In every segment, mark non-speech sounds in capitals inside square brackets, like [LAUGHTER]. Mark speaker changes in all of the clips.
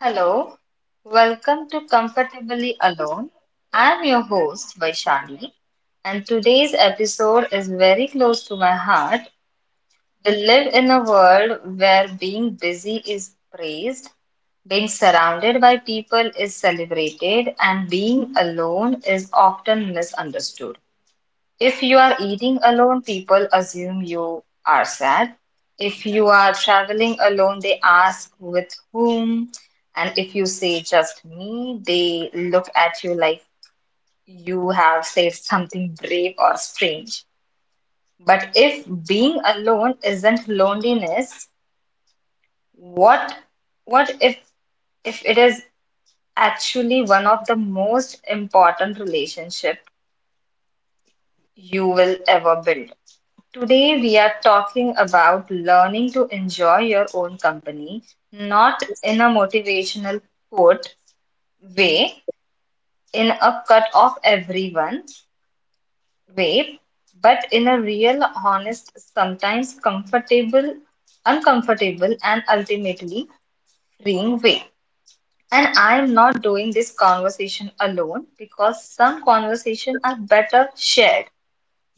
Speaker 1: Hello, welcome to Comfortably Alone. I'm your host, Vaishali, and today's episode is very close to my heart. We live in a world where being busy is praised, being surrounded by people is celebrated, and being alone is often misunderstood. If you are eating alone, people assume you are sad. If you are traveling alone, they ask with whom. And if you say just me, they look at you like you have said something brave or strange. But if being alone isn't loneliness, what what if it is actually one of the most important relationships you will ever build? Today, we are talking about learning to enjoy your own company, not in a motivational quote way, in a cut off everyone way, but in a real, honest, sometimes comfortable, uncomfortable, and ultimately freeing way. And I am not doing this conversation alone because some conversations are better shared.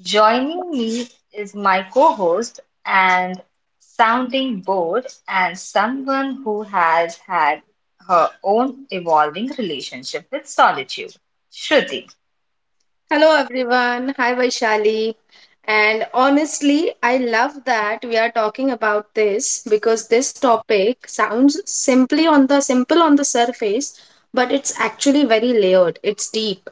Speaker 1: Joining me is my co-host and sounding board and someone who has had her own evolving relationship with solitude. Shruti,
Speaker 2: Hello everyone. Hi Vaishali. And honestly, I love that we are talking about this because this topic sounds simply on the simple on the surface, but it's actually very layered. It's deep.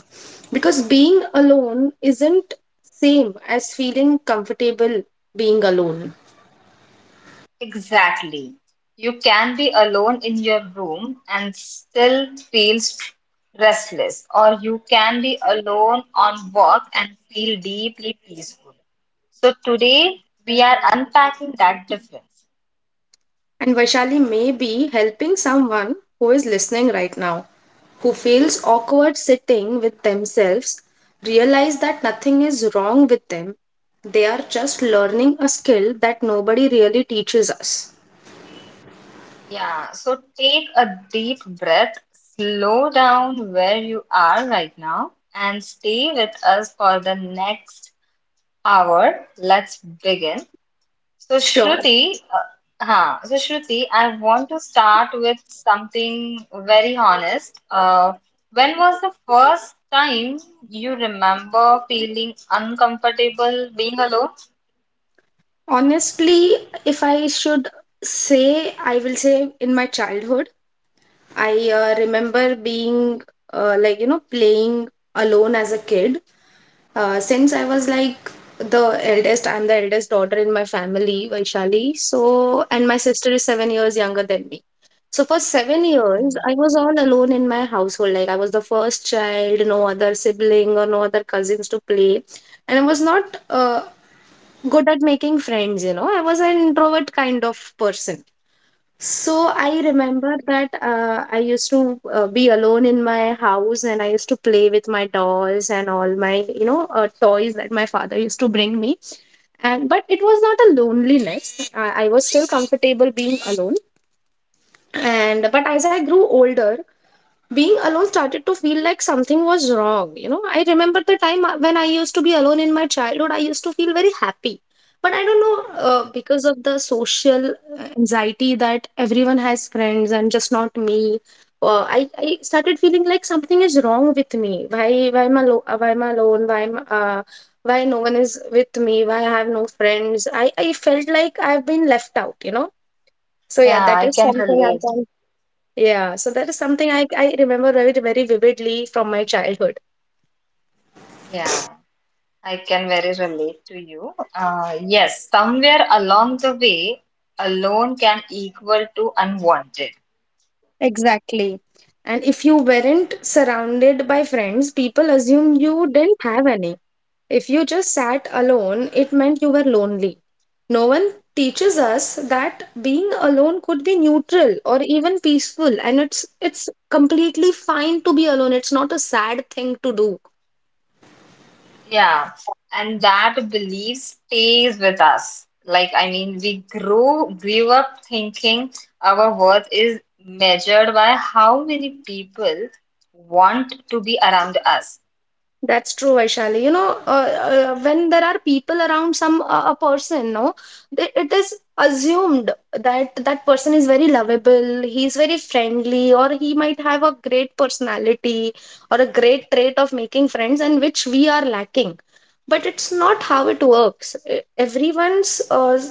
Speaker 2: Because being alone isn't same as feeling comfortable being alone.
Speaker 1: exactly. You can be alone in your room and still feel restless, or you can be alone on walk and feel deeply peaceful. So today we are unpacking that difference.
Speaker 2: And Vaishali may be helping someone who is listening right now, who feels awkward sitting with themselves, realize that nothing is wrong with them. They are just learning a skill that nobody really teaches us.
Speaker 1: Yeah, so take a deep breath, slow down where you are right now, and stay with us for the next hour. Let's begin. So,
Speaker 2: Sure.
Speaker 1: Shruti, Shruti, I want to start with something very honest. When was the first time you remember feeling uncomfortable being alone?
Speaker 2: Honestly, if I should say, I will say in my childhood, I remember being playing alone as a kid. Since I was like the eldest, I'm the eldest daughter in my family, Vaishali. So, and my sister is 7 years younger than me. So, for seven
Speaker 1: Oh.
Speaker 2: years, I was all alone in my household. Like, I was the first child, no other sibling or no other cousins to play. And I was not good at making friends, you know, I was an introvert kind of person. So I remember that I used to be alone in my house and I used to play with my dolls and all my, toys that my father used to bring me. And but it was not a loneliness. I was still comfortable being alone. And but as I grew older, being alone started to feel like something was wrong. You know, I remember the time when I used to be alone in my childhood, I used to feel very happy. But I don't know, because of the social anxiety that everyone has friends and just not me, I started feeling like something is wrong with me. Why, why am I alone? Why no one is with me? Why I have no friends? I felt like I've been left out, you know? So yeah,
Speaker 1: Yeah,
Speaker 2: that
Speaker 1: I
Speaker 2: is
Speaker 1: can
Speaker 2: something
Speaker 1: relate.
Speaker 2: I've yeah, so that is something I remember very, very vividly from my childhood.
Speaker 1: Yeah. I can very relate to you. Yes, somewhere along the way, alone can equal to unwanted.
Speaker 2: Exactly. And if you weren't surrounded by friends, people assumed you didn't have any. If you just sat alone, it meant you were lonely. No one teaches us that being alone could be neutral or even peaceful, and it's completely fine to be alone. It's not a sad thing to do.
Speaker 1: Yeah, and that belief stays with us. Like, I mean, we grew up thinking our worth is measured by how many people want to be around us.
Speaker 2: That's true, Vaishali. You know, when there are people around some a person, no, it is assumed that that person is very lovable. He is very friendly, or he might have a great personality or a great trait of making friends, and which we are lacking. But it's not how it works. Everyone's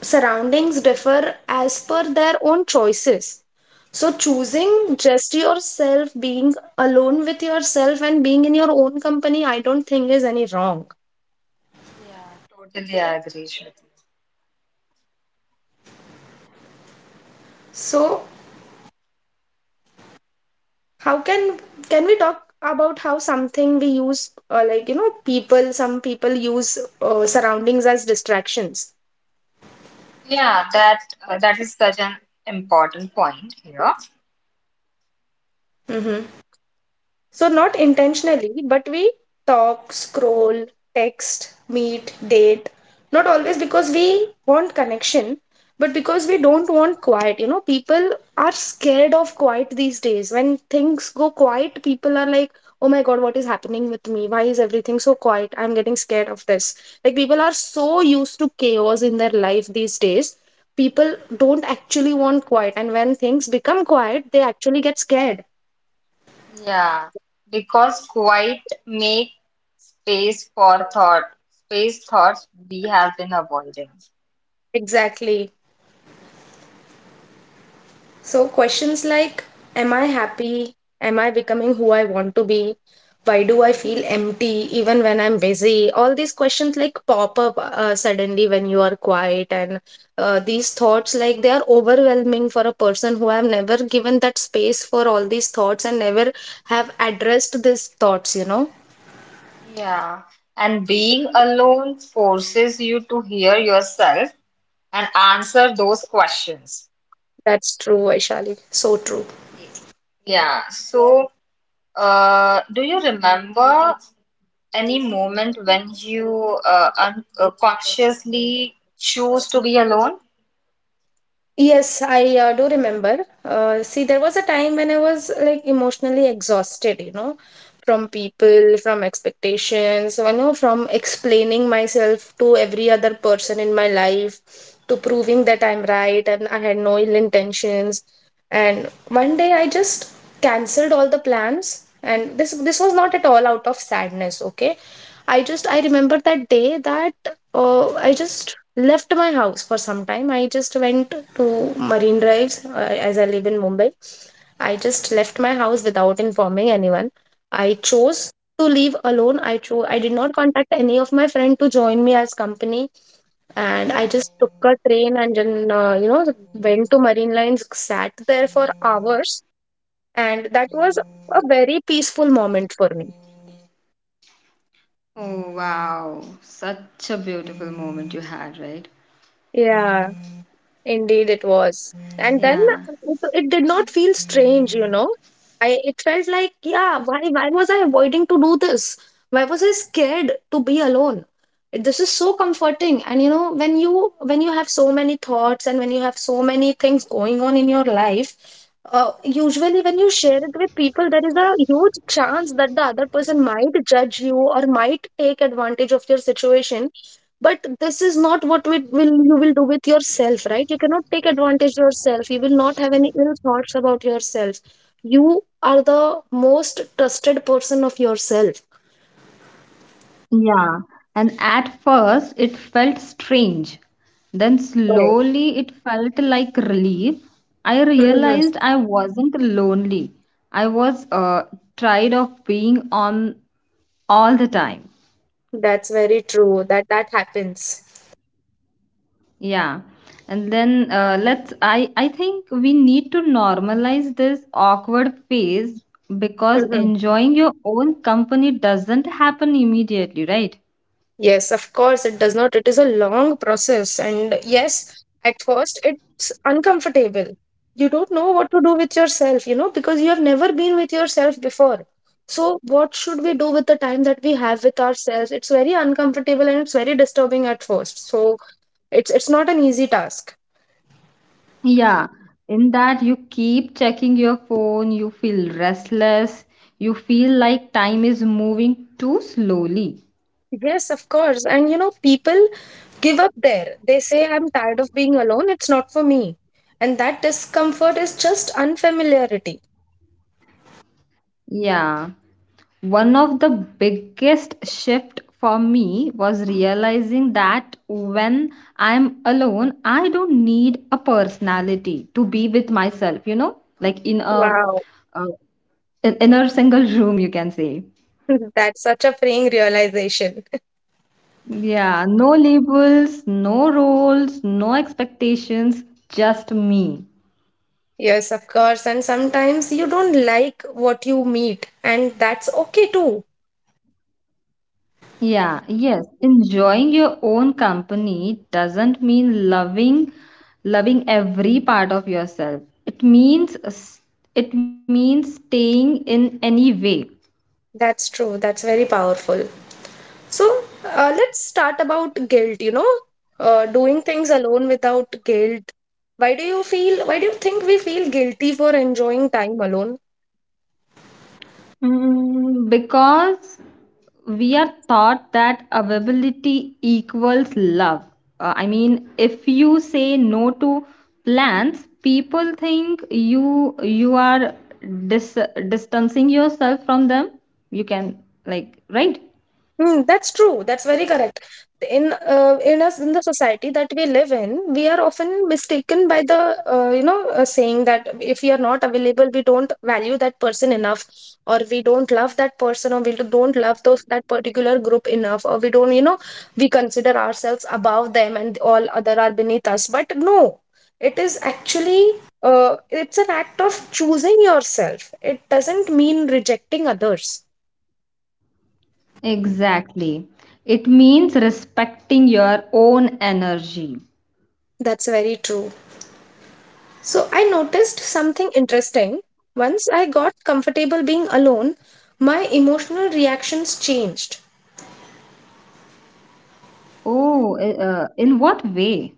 Speaker 2: surroundings differ as per their own choices. So, choosing just yourself, being alone with yourself, and being in your own company, I don't think is any wrong.
Speaker 1: Yeah, totally agree, Shruti.
Speaker 2: So, how can we talk about how something we use, people? Some people use surroundings as distractions.
Speaker 1: Yeah, that is such an important point here.
Speaker 2: Mm-hmm. So, not intentionally, but we talk, scroll, text, meet, date. Not always because we want connection, but because we don't want quiet. You know, people are scared of quiet these days. When things go quiet, people are like, oh my God, what is happening with me? Why is everything so quiet? I'm getting scared of this. Like, people are so used to chaos in their life these days. People don't actually want quiet. And when things become quiet, they actually get scared.
Speaker 1: Yeah, because quiet make space for thought, space thoughts we have been avoiding.
Speaker 2: Exactly. So, questions like, am I happy? Am I becoming who I want to be? Why do I feel empty even when I'm busy? All these questions like pop up suddenly when you are quiet, and these thoughts like they are overwhelming for a person who have never given that space for all these thoughts and never have addressed these thoughts, you know.
Speaker 1: Yeah, and being alone forces you to hear yourself and answer those questions.
Speaker 2: That's true, Vaishali. So true.
Speaker 1: Yeah, so do you remember any moment when you un consciously choose to be alone?
Speaker 2: Yes, I do remember. See, there was a time when I was like emotionally exhausted, you know, from people, from expectations, you know, from explaining myself to every other person in my life, to proving that I'm right and I had no ill intentions. And one day I just cancelled all the plans, and this was not at all out of sadness, okay? I remember that day that I just left my house for some time. I just went to Marine Drives as I live in Mumbai. I just left my house without informing anyone. I chose to leave alone. I chose. I did not contact any of my friend to join me as company, and I just took a train and then went to Marine Lines, sat there for hours, and that was a very peaceful moment for me.
Speaker 1: Oh, wow. Such a beautiful moment you had, right?
Speaker 2: Yeah. Indeed, it was. And then
Speaker 1: Yeah.
Speaker 2: it did not feel strange, you know. I It felt like, yeah, why was I avoiding to do this? Why was I scared to be alone? This is so comforting. And you know, when you have so many thoughts and when you have so many things going on in your life, usually when you share it with people, there is a huge chance that the other person might judge you or might take advantage of your situation, but this is not what we will you will do with yourself. Right? You cannot take advantage yourself. You will not have any ill thoughts about yourself. You are the most trusted person of yourself.
Speaker 1: Yeah, and at first it felt strange. Then
Speaker 2: Right.
Speaker 1: slowly it felt like relief. I
Speaker 2: Mhm.
Speaker 1: realized I wasn't lonely. I was tired of being on all the time.
Speaker 2: That's very true that that happens.
Speaker 1: Yeah. And then let's I think we need to normalize this awkward phase because
Speaker 2: Mhm.
Speaker 1: enjoying your own company doesn't happen immediately, right?
Speaker 2: Yes, of course, it does not. It is a long process. And yes, at first, it's uncomfortable. You don't know what to do with yourself, you know, because you have never been with yourself before. So, what should we do with the time that we have with ourselves? It's very uncomfortable and it's very disturbing at first. So, it's not an easy task.
Speaker 1: Yeah, in that you keep checking your phone, you feel restless, you feel like time is moving too slowly.
Speaker 2: Yes, of course. And you know, people give up there. They say, I'm tired of being alone. It's not for me. And that discomfort is just unfamiliarity.
Speaker 1: Yeah, one of the biggest shift for me was realizing that when I'm alone, I don't need a personality to be with myself, you know, like in a
Speaker 2: Wow.
Speaker 1: in, in a single [LAUGHS] room, you can say.
Speaker 2: [LAUGHS] That's such a freeing realization.
Speaker 1: Yeah, no labels, no roles, no expectations, just me.
Speaker 2: Yes, of course. And sometimes you don't like what you meet, and that's okay too.
Speaker 1: Yeah, yes. Enjoying your own company doesn't mean loving every part of yourself. It means staying in any way.
Speaker 2: That's true. That's very powerful. So, let's start about guilt, you know, doing things alone without guilt. Why do you think we feel guilty for enjoying time alone?
Speaker 1: Mm, because we are taught that availability equals love. I mean, if you say no to plans, people think you are dis distancing yourself from them. You can like, right?
Speaker 2: Mm, that's true. That's very correct. In in us in the society that we live in, we are often mistaken by the saying that if we are not available, we don't value that person enough, or we don't love that person, or we don't love those that particular group enough, or we don't you know we consider ourselves above them and all other are beneath us. But no, it is actually it's an act of choosing yourself. It doesn't mean rejecting others.
Speaker 1: Exactly. It means respecting your own energy.
Speaker 2: That's very true. So I noticed something interesting. Once I got comfortable being alone, my emotional reactions changed.
Speaker 1: Oh, in what way?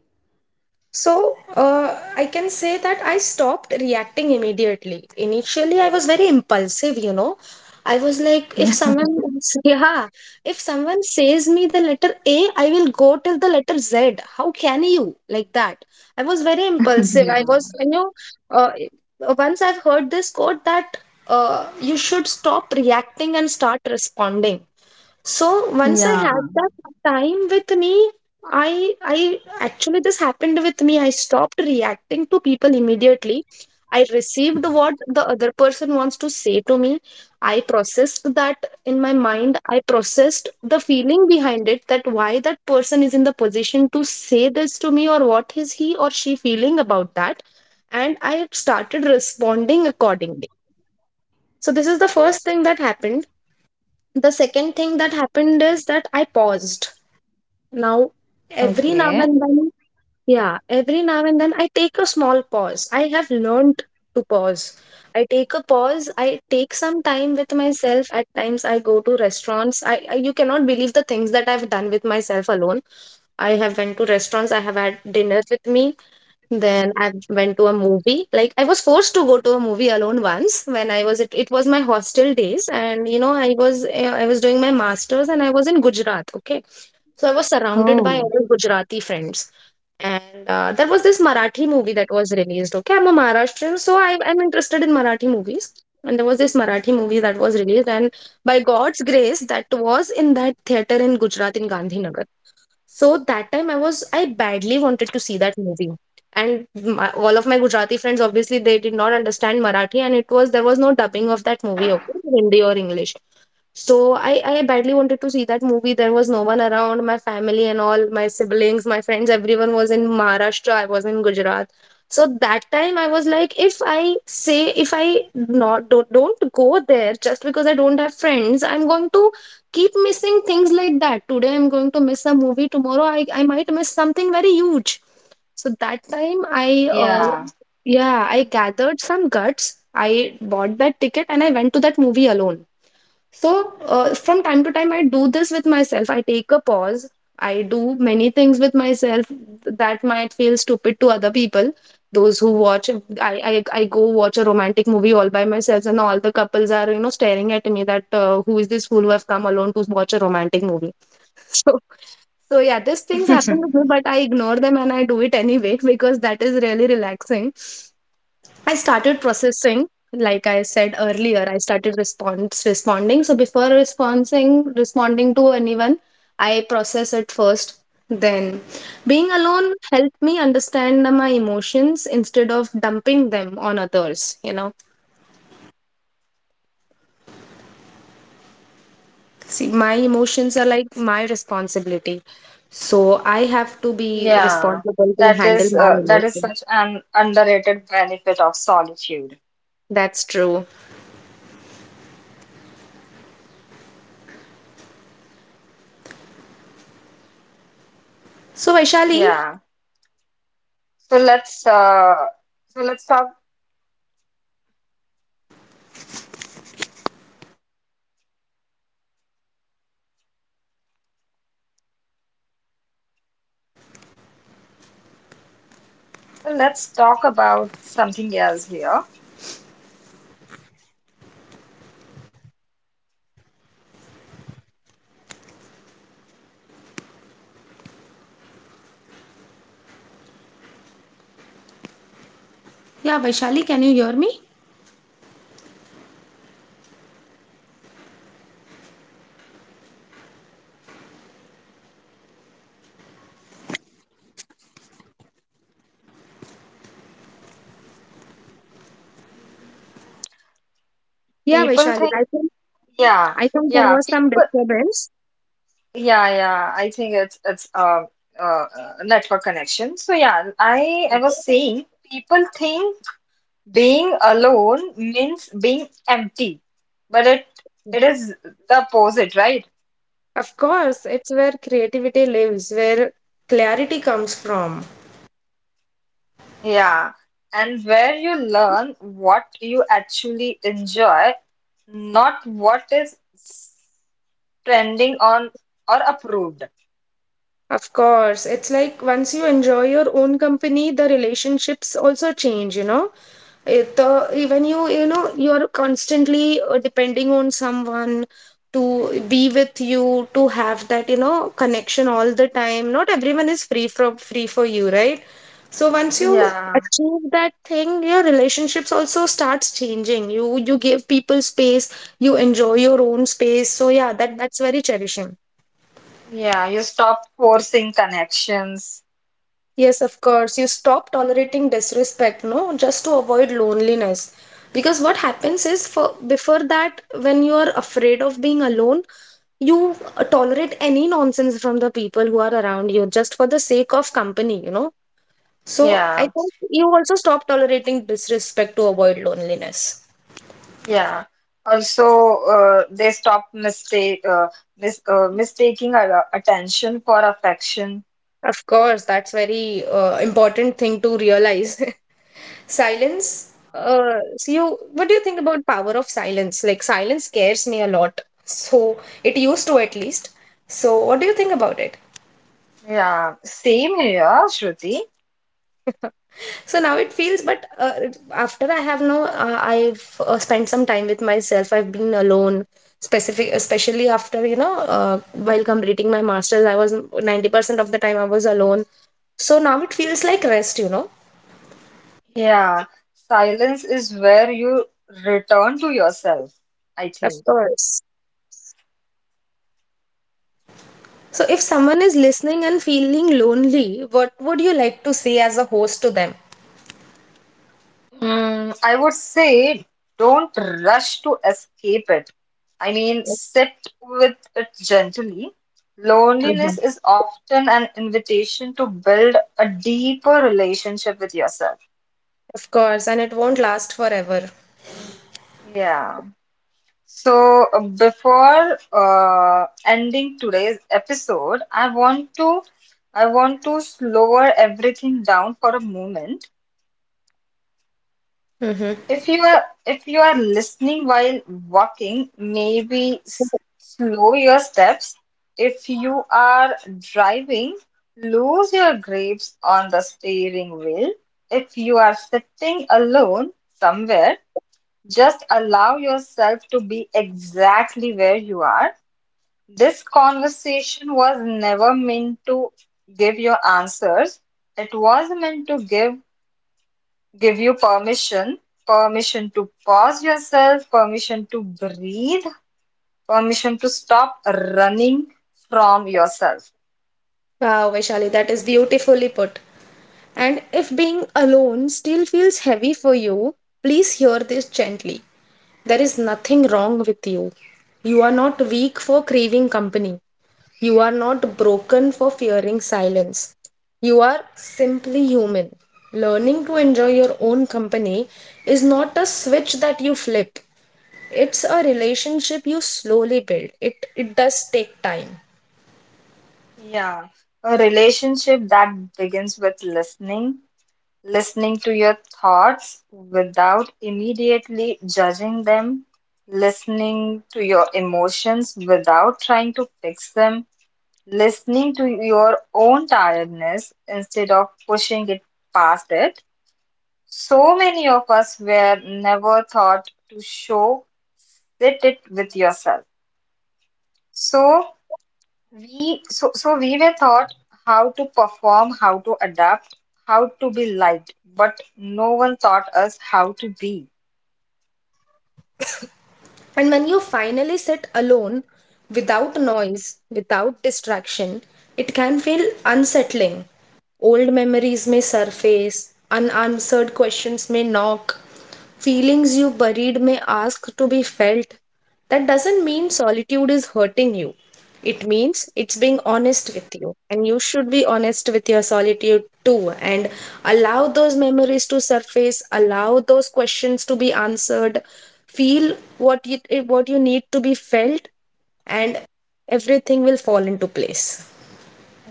Speaker 2: So, I can say that I stopped reacting immediately. Initially, I was very impulsive, you know. I was like, if
Speaker 1: Yeah. [LAUGHS]
Speaker 2: someone, [LAUGHS] yeah, if someone says me the letter A, I will go till the letter Z. How can you? Like that. I was very impulsive. I was, you know, uh, Once I've heard this quote that you should stop reacting and start responding. So once I had that time with me, I actually this happened with me. I stopped reacting to people immediately. I received what the other person wants to say to me. I processed that in my mind. I processed the feeling behind it that why that person is in the position to say this to me or what is he or she feeling about that. And I started responding accordingly. So this is the first thing that happened. The second thing that happened is that I paused. Now, every now
Speaker 1: Okay.
Speaker 2: and then, yeah, every now and then I take a small pause. I have learned to pause. I take a pause. I take some time with myself. At times I go to restaurants. I you cannot believe the things that I've done with myself alone. I have went to restaurants. I have had dinner with me. Then I went to a movie. Like I was forced to go to a movie alone once when I was it was my hostel days and you know I was I was doing my masters and I was in Gujarat, okay? So I was surrounded by
Speaker 1: Oh.
Speaker 2: other Gujarati friends. And there was this Marathi movie that was released. Okay, I'm a Maharashtrian, so I am interested in Marathi movies. And there was this Marathi movie that was released, and by God's grace, that was in that theater in Gujarat in Gandhinagar. So that time I badly wanted to see that movie. All of my Gujarati friends, obviously, they did not understand Marathi, and there was no dubbing of that movie, okay, Hindi or English. So I badly wanted to see that movie. There was no one around. My family and all, my siblings, my friends, everyone was in Maharashtra, I was in Gujarat. So that time I was like, if I say if I not don't, don't go there just because I don't have friends, I'm going to keep missing things like that. Today I'm going to miss a movie, tomorrow I might miss something very huge. So that time I
Speaker 1: Yeah.
Speaker 2: yeah, I gathered some guts. I bought that ticket and I went to that movie alone. So, from time to time, I do this with myself. I take a pause. I do many things with myself that might feel stupid to other people. Those who watch, I go watch a romantic movie all by myself, and all the couples are, you know, staring at me that who is this fool who have come alone to watch a romantic movie. [LAUGHS] So, so yeah, these things happen to me, but
Speaker 1: [LAUGHS]
Speaker 2: I ignore them and I do it anyway [LAUGHS] because that is really relaxing. I started processing, like I said earlier, I started response responding. So before responding to anyone, I process it first. Then being alone helped me understand my emotions instead of dumping them on others, See, my emotions are like my responsibility. So I have to be
Speaker 1: Yeah.
Speaker 2: responsible to handle my
Speaker 1: That is
Speaker 2: emotions.
Speaker 1: such an underrated benefit of solitude.
Speaker 2: That's true. So Vaishali,
Speaker 1: Yeah. So let's uh so let's talk so let's talk about something else here.
Speaker 2: yeah, Vaishali, can you hear me? Yeah,
Speaker 1: People
Speaker 2: Vaishali,
Speaker 1: think,
Speaker 2: I think
Speaker 1: yeah,
Speaker 2: there
Speaker 1: yeah,
Speaker 2: was some
Speaker 1: people,
Speaker 2: disturbance.
Speaker 1: yeah, yeah. I think it's network connection. So yeah, I was saying people think being alone means being empty, but it is the opposite, right?
Speaker 2: Of course, it's where creativity lives, where clarity comes from.
Speaker 1: Yeah, and where you learn what you actually enjoy, not what is trending on or approved.
Speaker 2: Of course, it's like once you enjoy your own company, the relationships also change, you know? It when you know you're constantly depending on someone to be with you, to have that, you know, connection all the time. Not everyone is free from free for you, right? So once you
Speaker 1: Yeah.
Speaker 2: achieve that thing, your relationships also starts changing. You give people space, you enjoy your own space. So yeah, that's very cherishing.
Speaker 1: Yeah, you stop forcing connections.
Speaker 2: Yes, of course. You stop tolerating disrespect, no, just to avoid loneliness. Because what happens is, for before that, when you are afraid of being alone, you tolerate any nonsense from the people who are around you just for the sake of company, you know. So I
Speaker 1: Yeah,
Speaker 2: think you also stop tolerating disrespect to avoid loneliness.
Speaker 1: yeah. Also, they stop mistake mis mistaking our attention for affection.
Speaker 2: Of course, that's very important thing to realize. [LAUGHS] Silence. So you, what do you think about power of silence? Like silence scares me a lot. So it used to, at least. So what do you think about it?
Speaker 1: Yeah, same here, Shruti.
Speaker 2: [LAUGHS] So now it feels, but after I have, no, I've spent some time with myself. I've been alone, especially after, you know, while completing my masters, I was 90% of the time I was alone. So now it feels like rest, you know.
Speaker 1: Yeah, silence is where you return to yourself, I
Speaker 2: Of
Speaker 1: think.
Speaker 2: course. So, if someone is listening and feeling lonely, what would you like to say as a host to them?
Speaker 1: Mm, I would say don't rush to escape it. I mean, sit with it gently. Loneliness
Speaker 2: Mhm.
Speaker 1: is often an invitation to build a deeper relationship with yourself.
Speaker 2: Of course, and it won't last forever.
Speaker 1: Yeah. So, before ending today's episode, I want to slower everything down for a moment.
Speaker 2: Hmm.
Speaker 1: If you are listening while walking, maybe slow your steps. If you are driving, lose your grapes on the steering wheel. If you are sitting alone somewhere, just allow yourself to be exactly where you are. This conversation was never meant to give your answers. It was meant to give you permission, permission to pause yourself, permission to breathe, permission to stop running from yourself.
Speaker 2: Wow, Vaishali, that is beautifully put. And if being alone still feels heavy for you, please hear this gently. There is nothing wrong with you. You are not weak for craving company. You are not broken for fearing silence. You are simply human. Learning to enjoy your own company is not a switch that you flip. It's a relationship you slowly build. It does take time.
Speaker 1: Yeah, a relationship that begins with listening, listening to your thoughts without immediately judging them, listening to your emotions without trying to fix them, listening to your own tiredness instead of pushing it past it. So many of us were never taught to show sit it with yourself. So so we were taught how to perform, how to adapt, how to be liked, but no one taught us how to be.
Speaker 2: And when you finally sit alone, without noise, without distraction, it can feel unsettling. Old memories may surface, unanswered questions may knock, feelings you buried may ask to be felt. That doesn't mean solitude is hurting you. It means it's being honest with you. And you should be honest with your solitude too. And allow those memories to surface, allow those questions to be answered. Feel what you need to be felt, and everything will fall into place.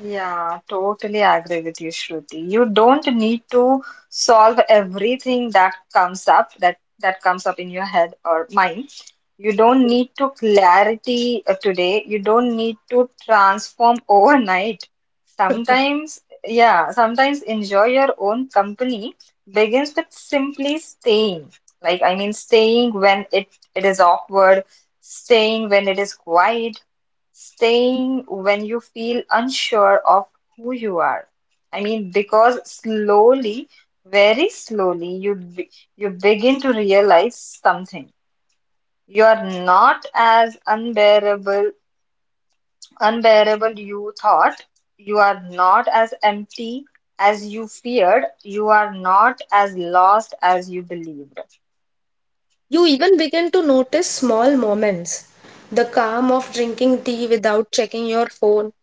Speaker 1: Yeah, totally agree with you, Shruti. You don't need to solve everything that comes up that comes up in your head or mind. You don't need to clarity today. You don't need to transform [LAUGHS] overnight. Sometimes, yeah, sometimes enjoy your own company begins with simply staying. Like, I mean, staying when it is awkward, staying when it is quiet, staying when you feel unsure of who you are. I mean, because slowly, very slowly, you begin to realize something. You are not as unbearable, unbearable you thought. You are not as empty as you feared. You are not as lost as you believed.
Speaker 2: You even begin to notice small moments: the calm of drinking tea without checking your phone,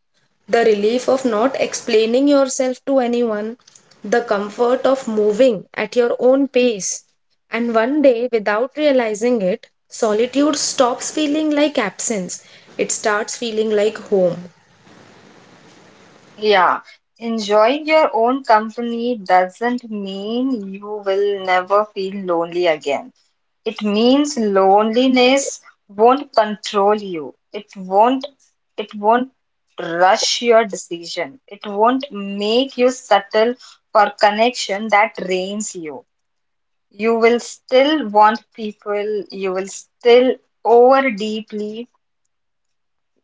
Speaker 2: the relief of not explaining yourself to anyone, the comfort of moving at your own pace. And one day, without realizing it, solitude stops feeling like absence, it starts feeling like home.
Speaker 1: Yeah. Enjoying your own company doesn't mean you will never feel lonely again. It means loneliness won't control you. It won't rush your decision. It won't make you settle for connection that drains you. You will still want people, you will still over deeply,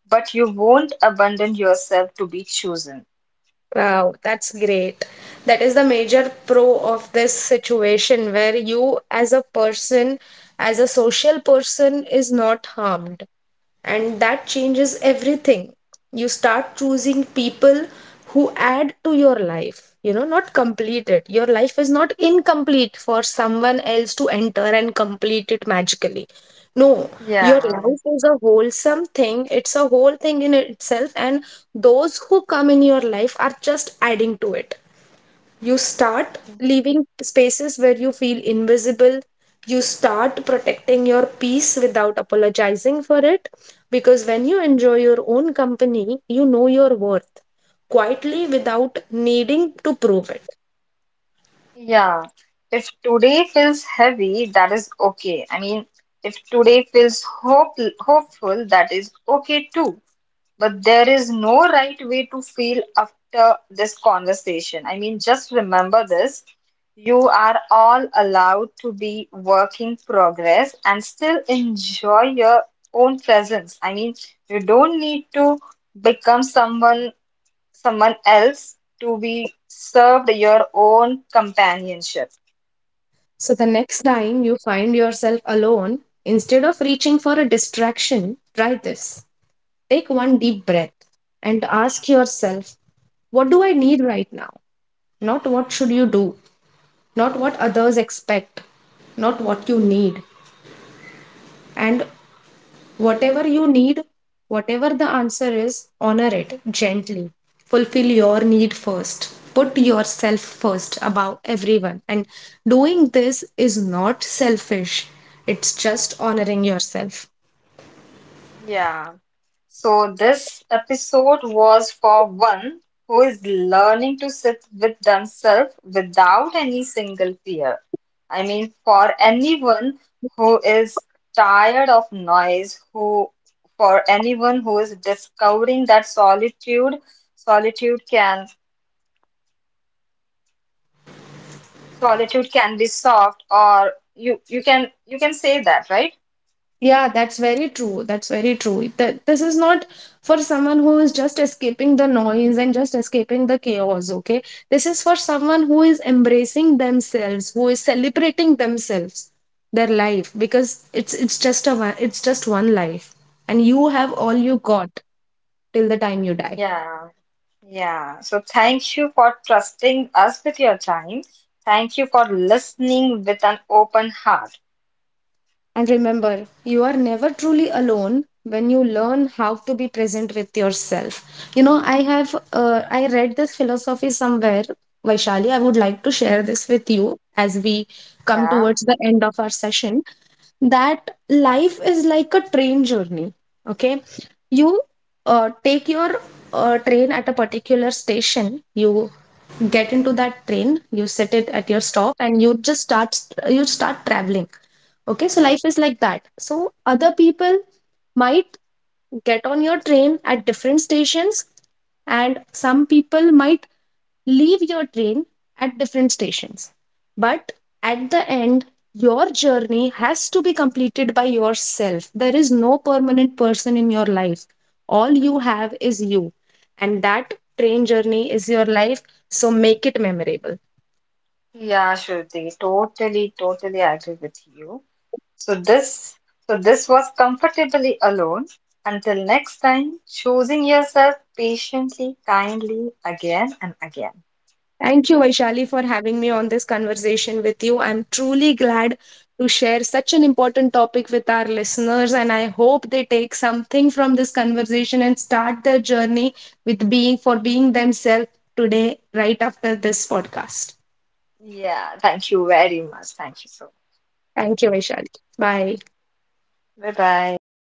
Speaker 1: but you won't abandon yourself to be chosen.
Speaker 2: Wow, that's great. That is the major pro of this situation, where you, as a person, as a social person, is not harmed, and that changes everything. You start choosing people who add to your life, you know, not complete it. Your life is not incomplete for someone else to enter and complete it magically. No, your
Speaker 1: Yeah.
Speaker 2: life is a wholesome thing, it's a whole thing in itself, and those who come in your life are just adding to it. You start leaving spaces where you feel invisible. You start protecting your peace without apologizing for it. Because when you enjoy your own company, you know your worth quietly without needing to prove it.
Speaker 1: Yeah, if today feels heavy, that is okay. I mean, if today feels hopeful, that is okay too. But there is no right way to feel after this conversation. I mean, just remember this. You are all allowed to be work in progress and still enjoy your own presence. I mean, you don't need to become someone else to be served your own companionship.
Speaker 2: So the next time you find yourself alone, instead of reaching for a distraction, try this. Take one deep breath and ask yourself, what do I need right now? Not what should you do? Not what others expect, not what you need. And whatever you need, whatever the answer is, honor it gently. Fulfill your need first. Put yourself first above everyone. And doing this is not selfish, it's just honoring yourself.
Speaker 1: Yeah. So, this episode was for one who is learning to sit with themselves without any single fear. I mean, for anyone who is tired of noise, who for anyone who is discovering that solitude can solitude can be soft, or you can you can say that, right?
Speaker 2: Yeah, that's very true. That's very true. That this is not for someone who is just escaping the noise and just escaping the chaos, okay? This is for someone who is embracing themselves, who is celebrating themselves, their life, because it's just a one, it's just one life, and you have all you got till the time you die.
Speaker 1: Yeah. Yeah, so thank you for trusting us with your time. Thank you for listening with an open heart.
Speaker 2: And remember, you are never truly alone when you learn how to be present with yourself. You know, I have, I read this philosophy somewhere, Vaishali. I would like to share this with you as we come
Speaker 1: Yeah,
Speaker 2: towards the end of our session. That life is like a train journey. Okay, you take your train at a particular station. You get into that train. You set it at your stop, and you just start you start traveling. Okay, so life is like that. So other people might get on your train at different stations, and some people might leave your train at different stations. But at the end, your journey has to be completed by yourself. There is no permanent person in your life. All you have is you, and that train journey is your life. So make it memorable.
Speaker 1: yeah, Shruti, totally, totally agree with you. So this, so this was Comfortably Alone. Until next time, choosing yourself patiently, kindly, again and again.
Speaker 2: Thank you, Vaishali, for having me on this conversation with you. I'm truly glad to share such an important topic with our listeners, and I hope they take something from this conversation and start their journey with being themselves today, right after this podcast.
Speaker 1: Yeah, thank you very much. Thank you so
Speaker 2: Thank you, Vaishali. Bye.
Speaker 1: much. Bye bye.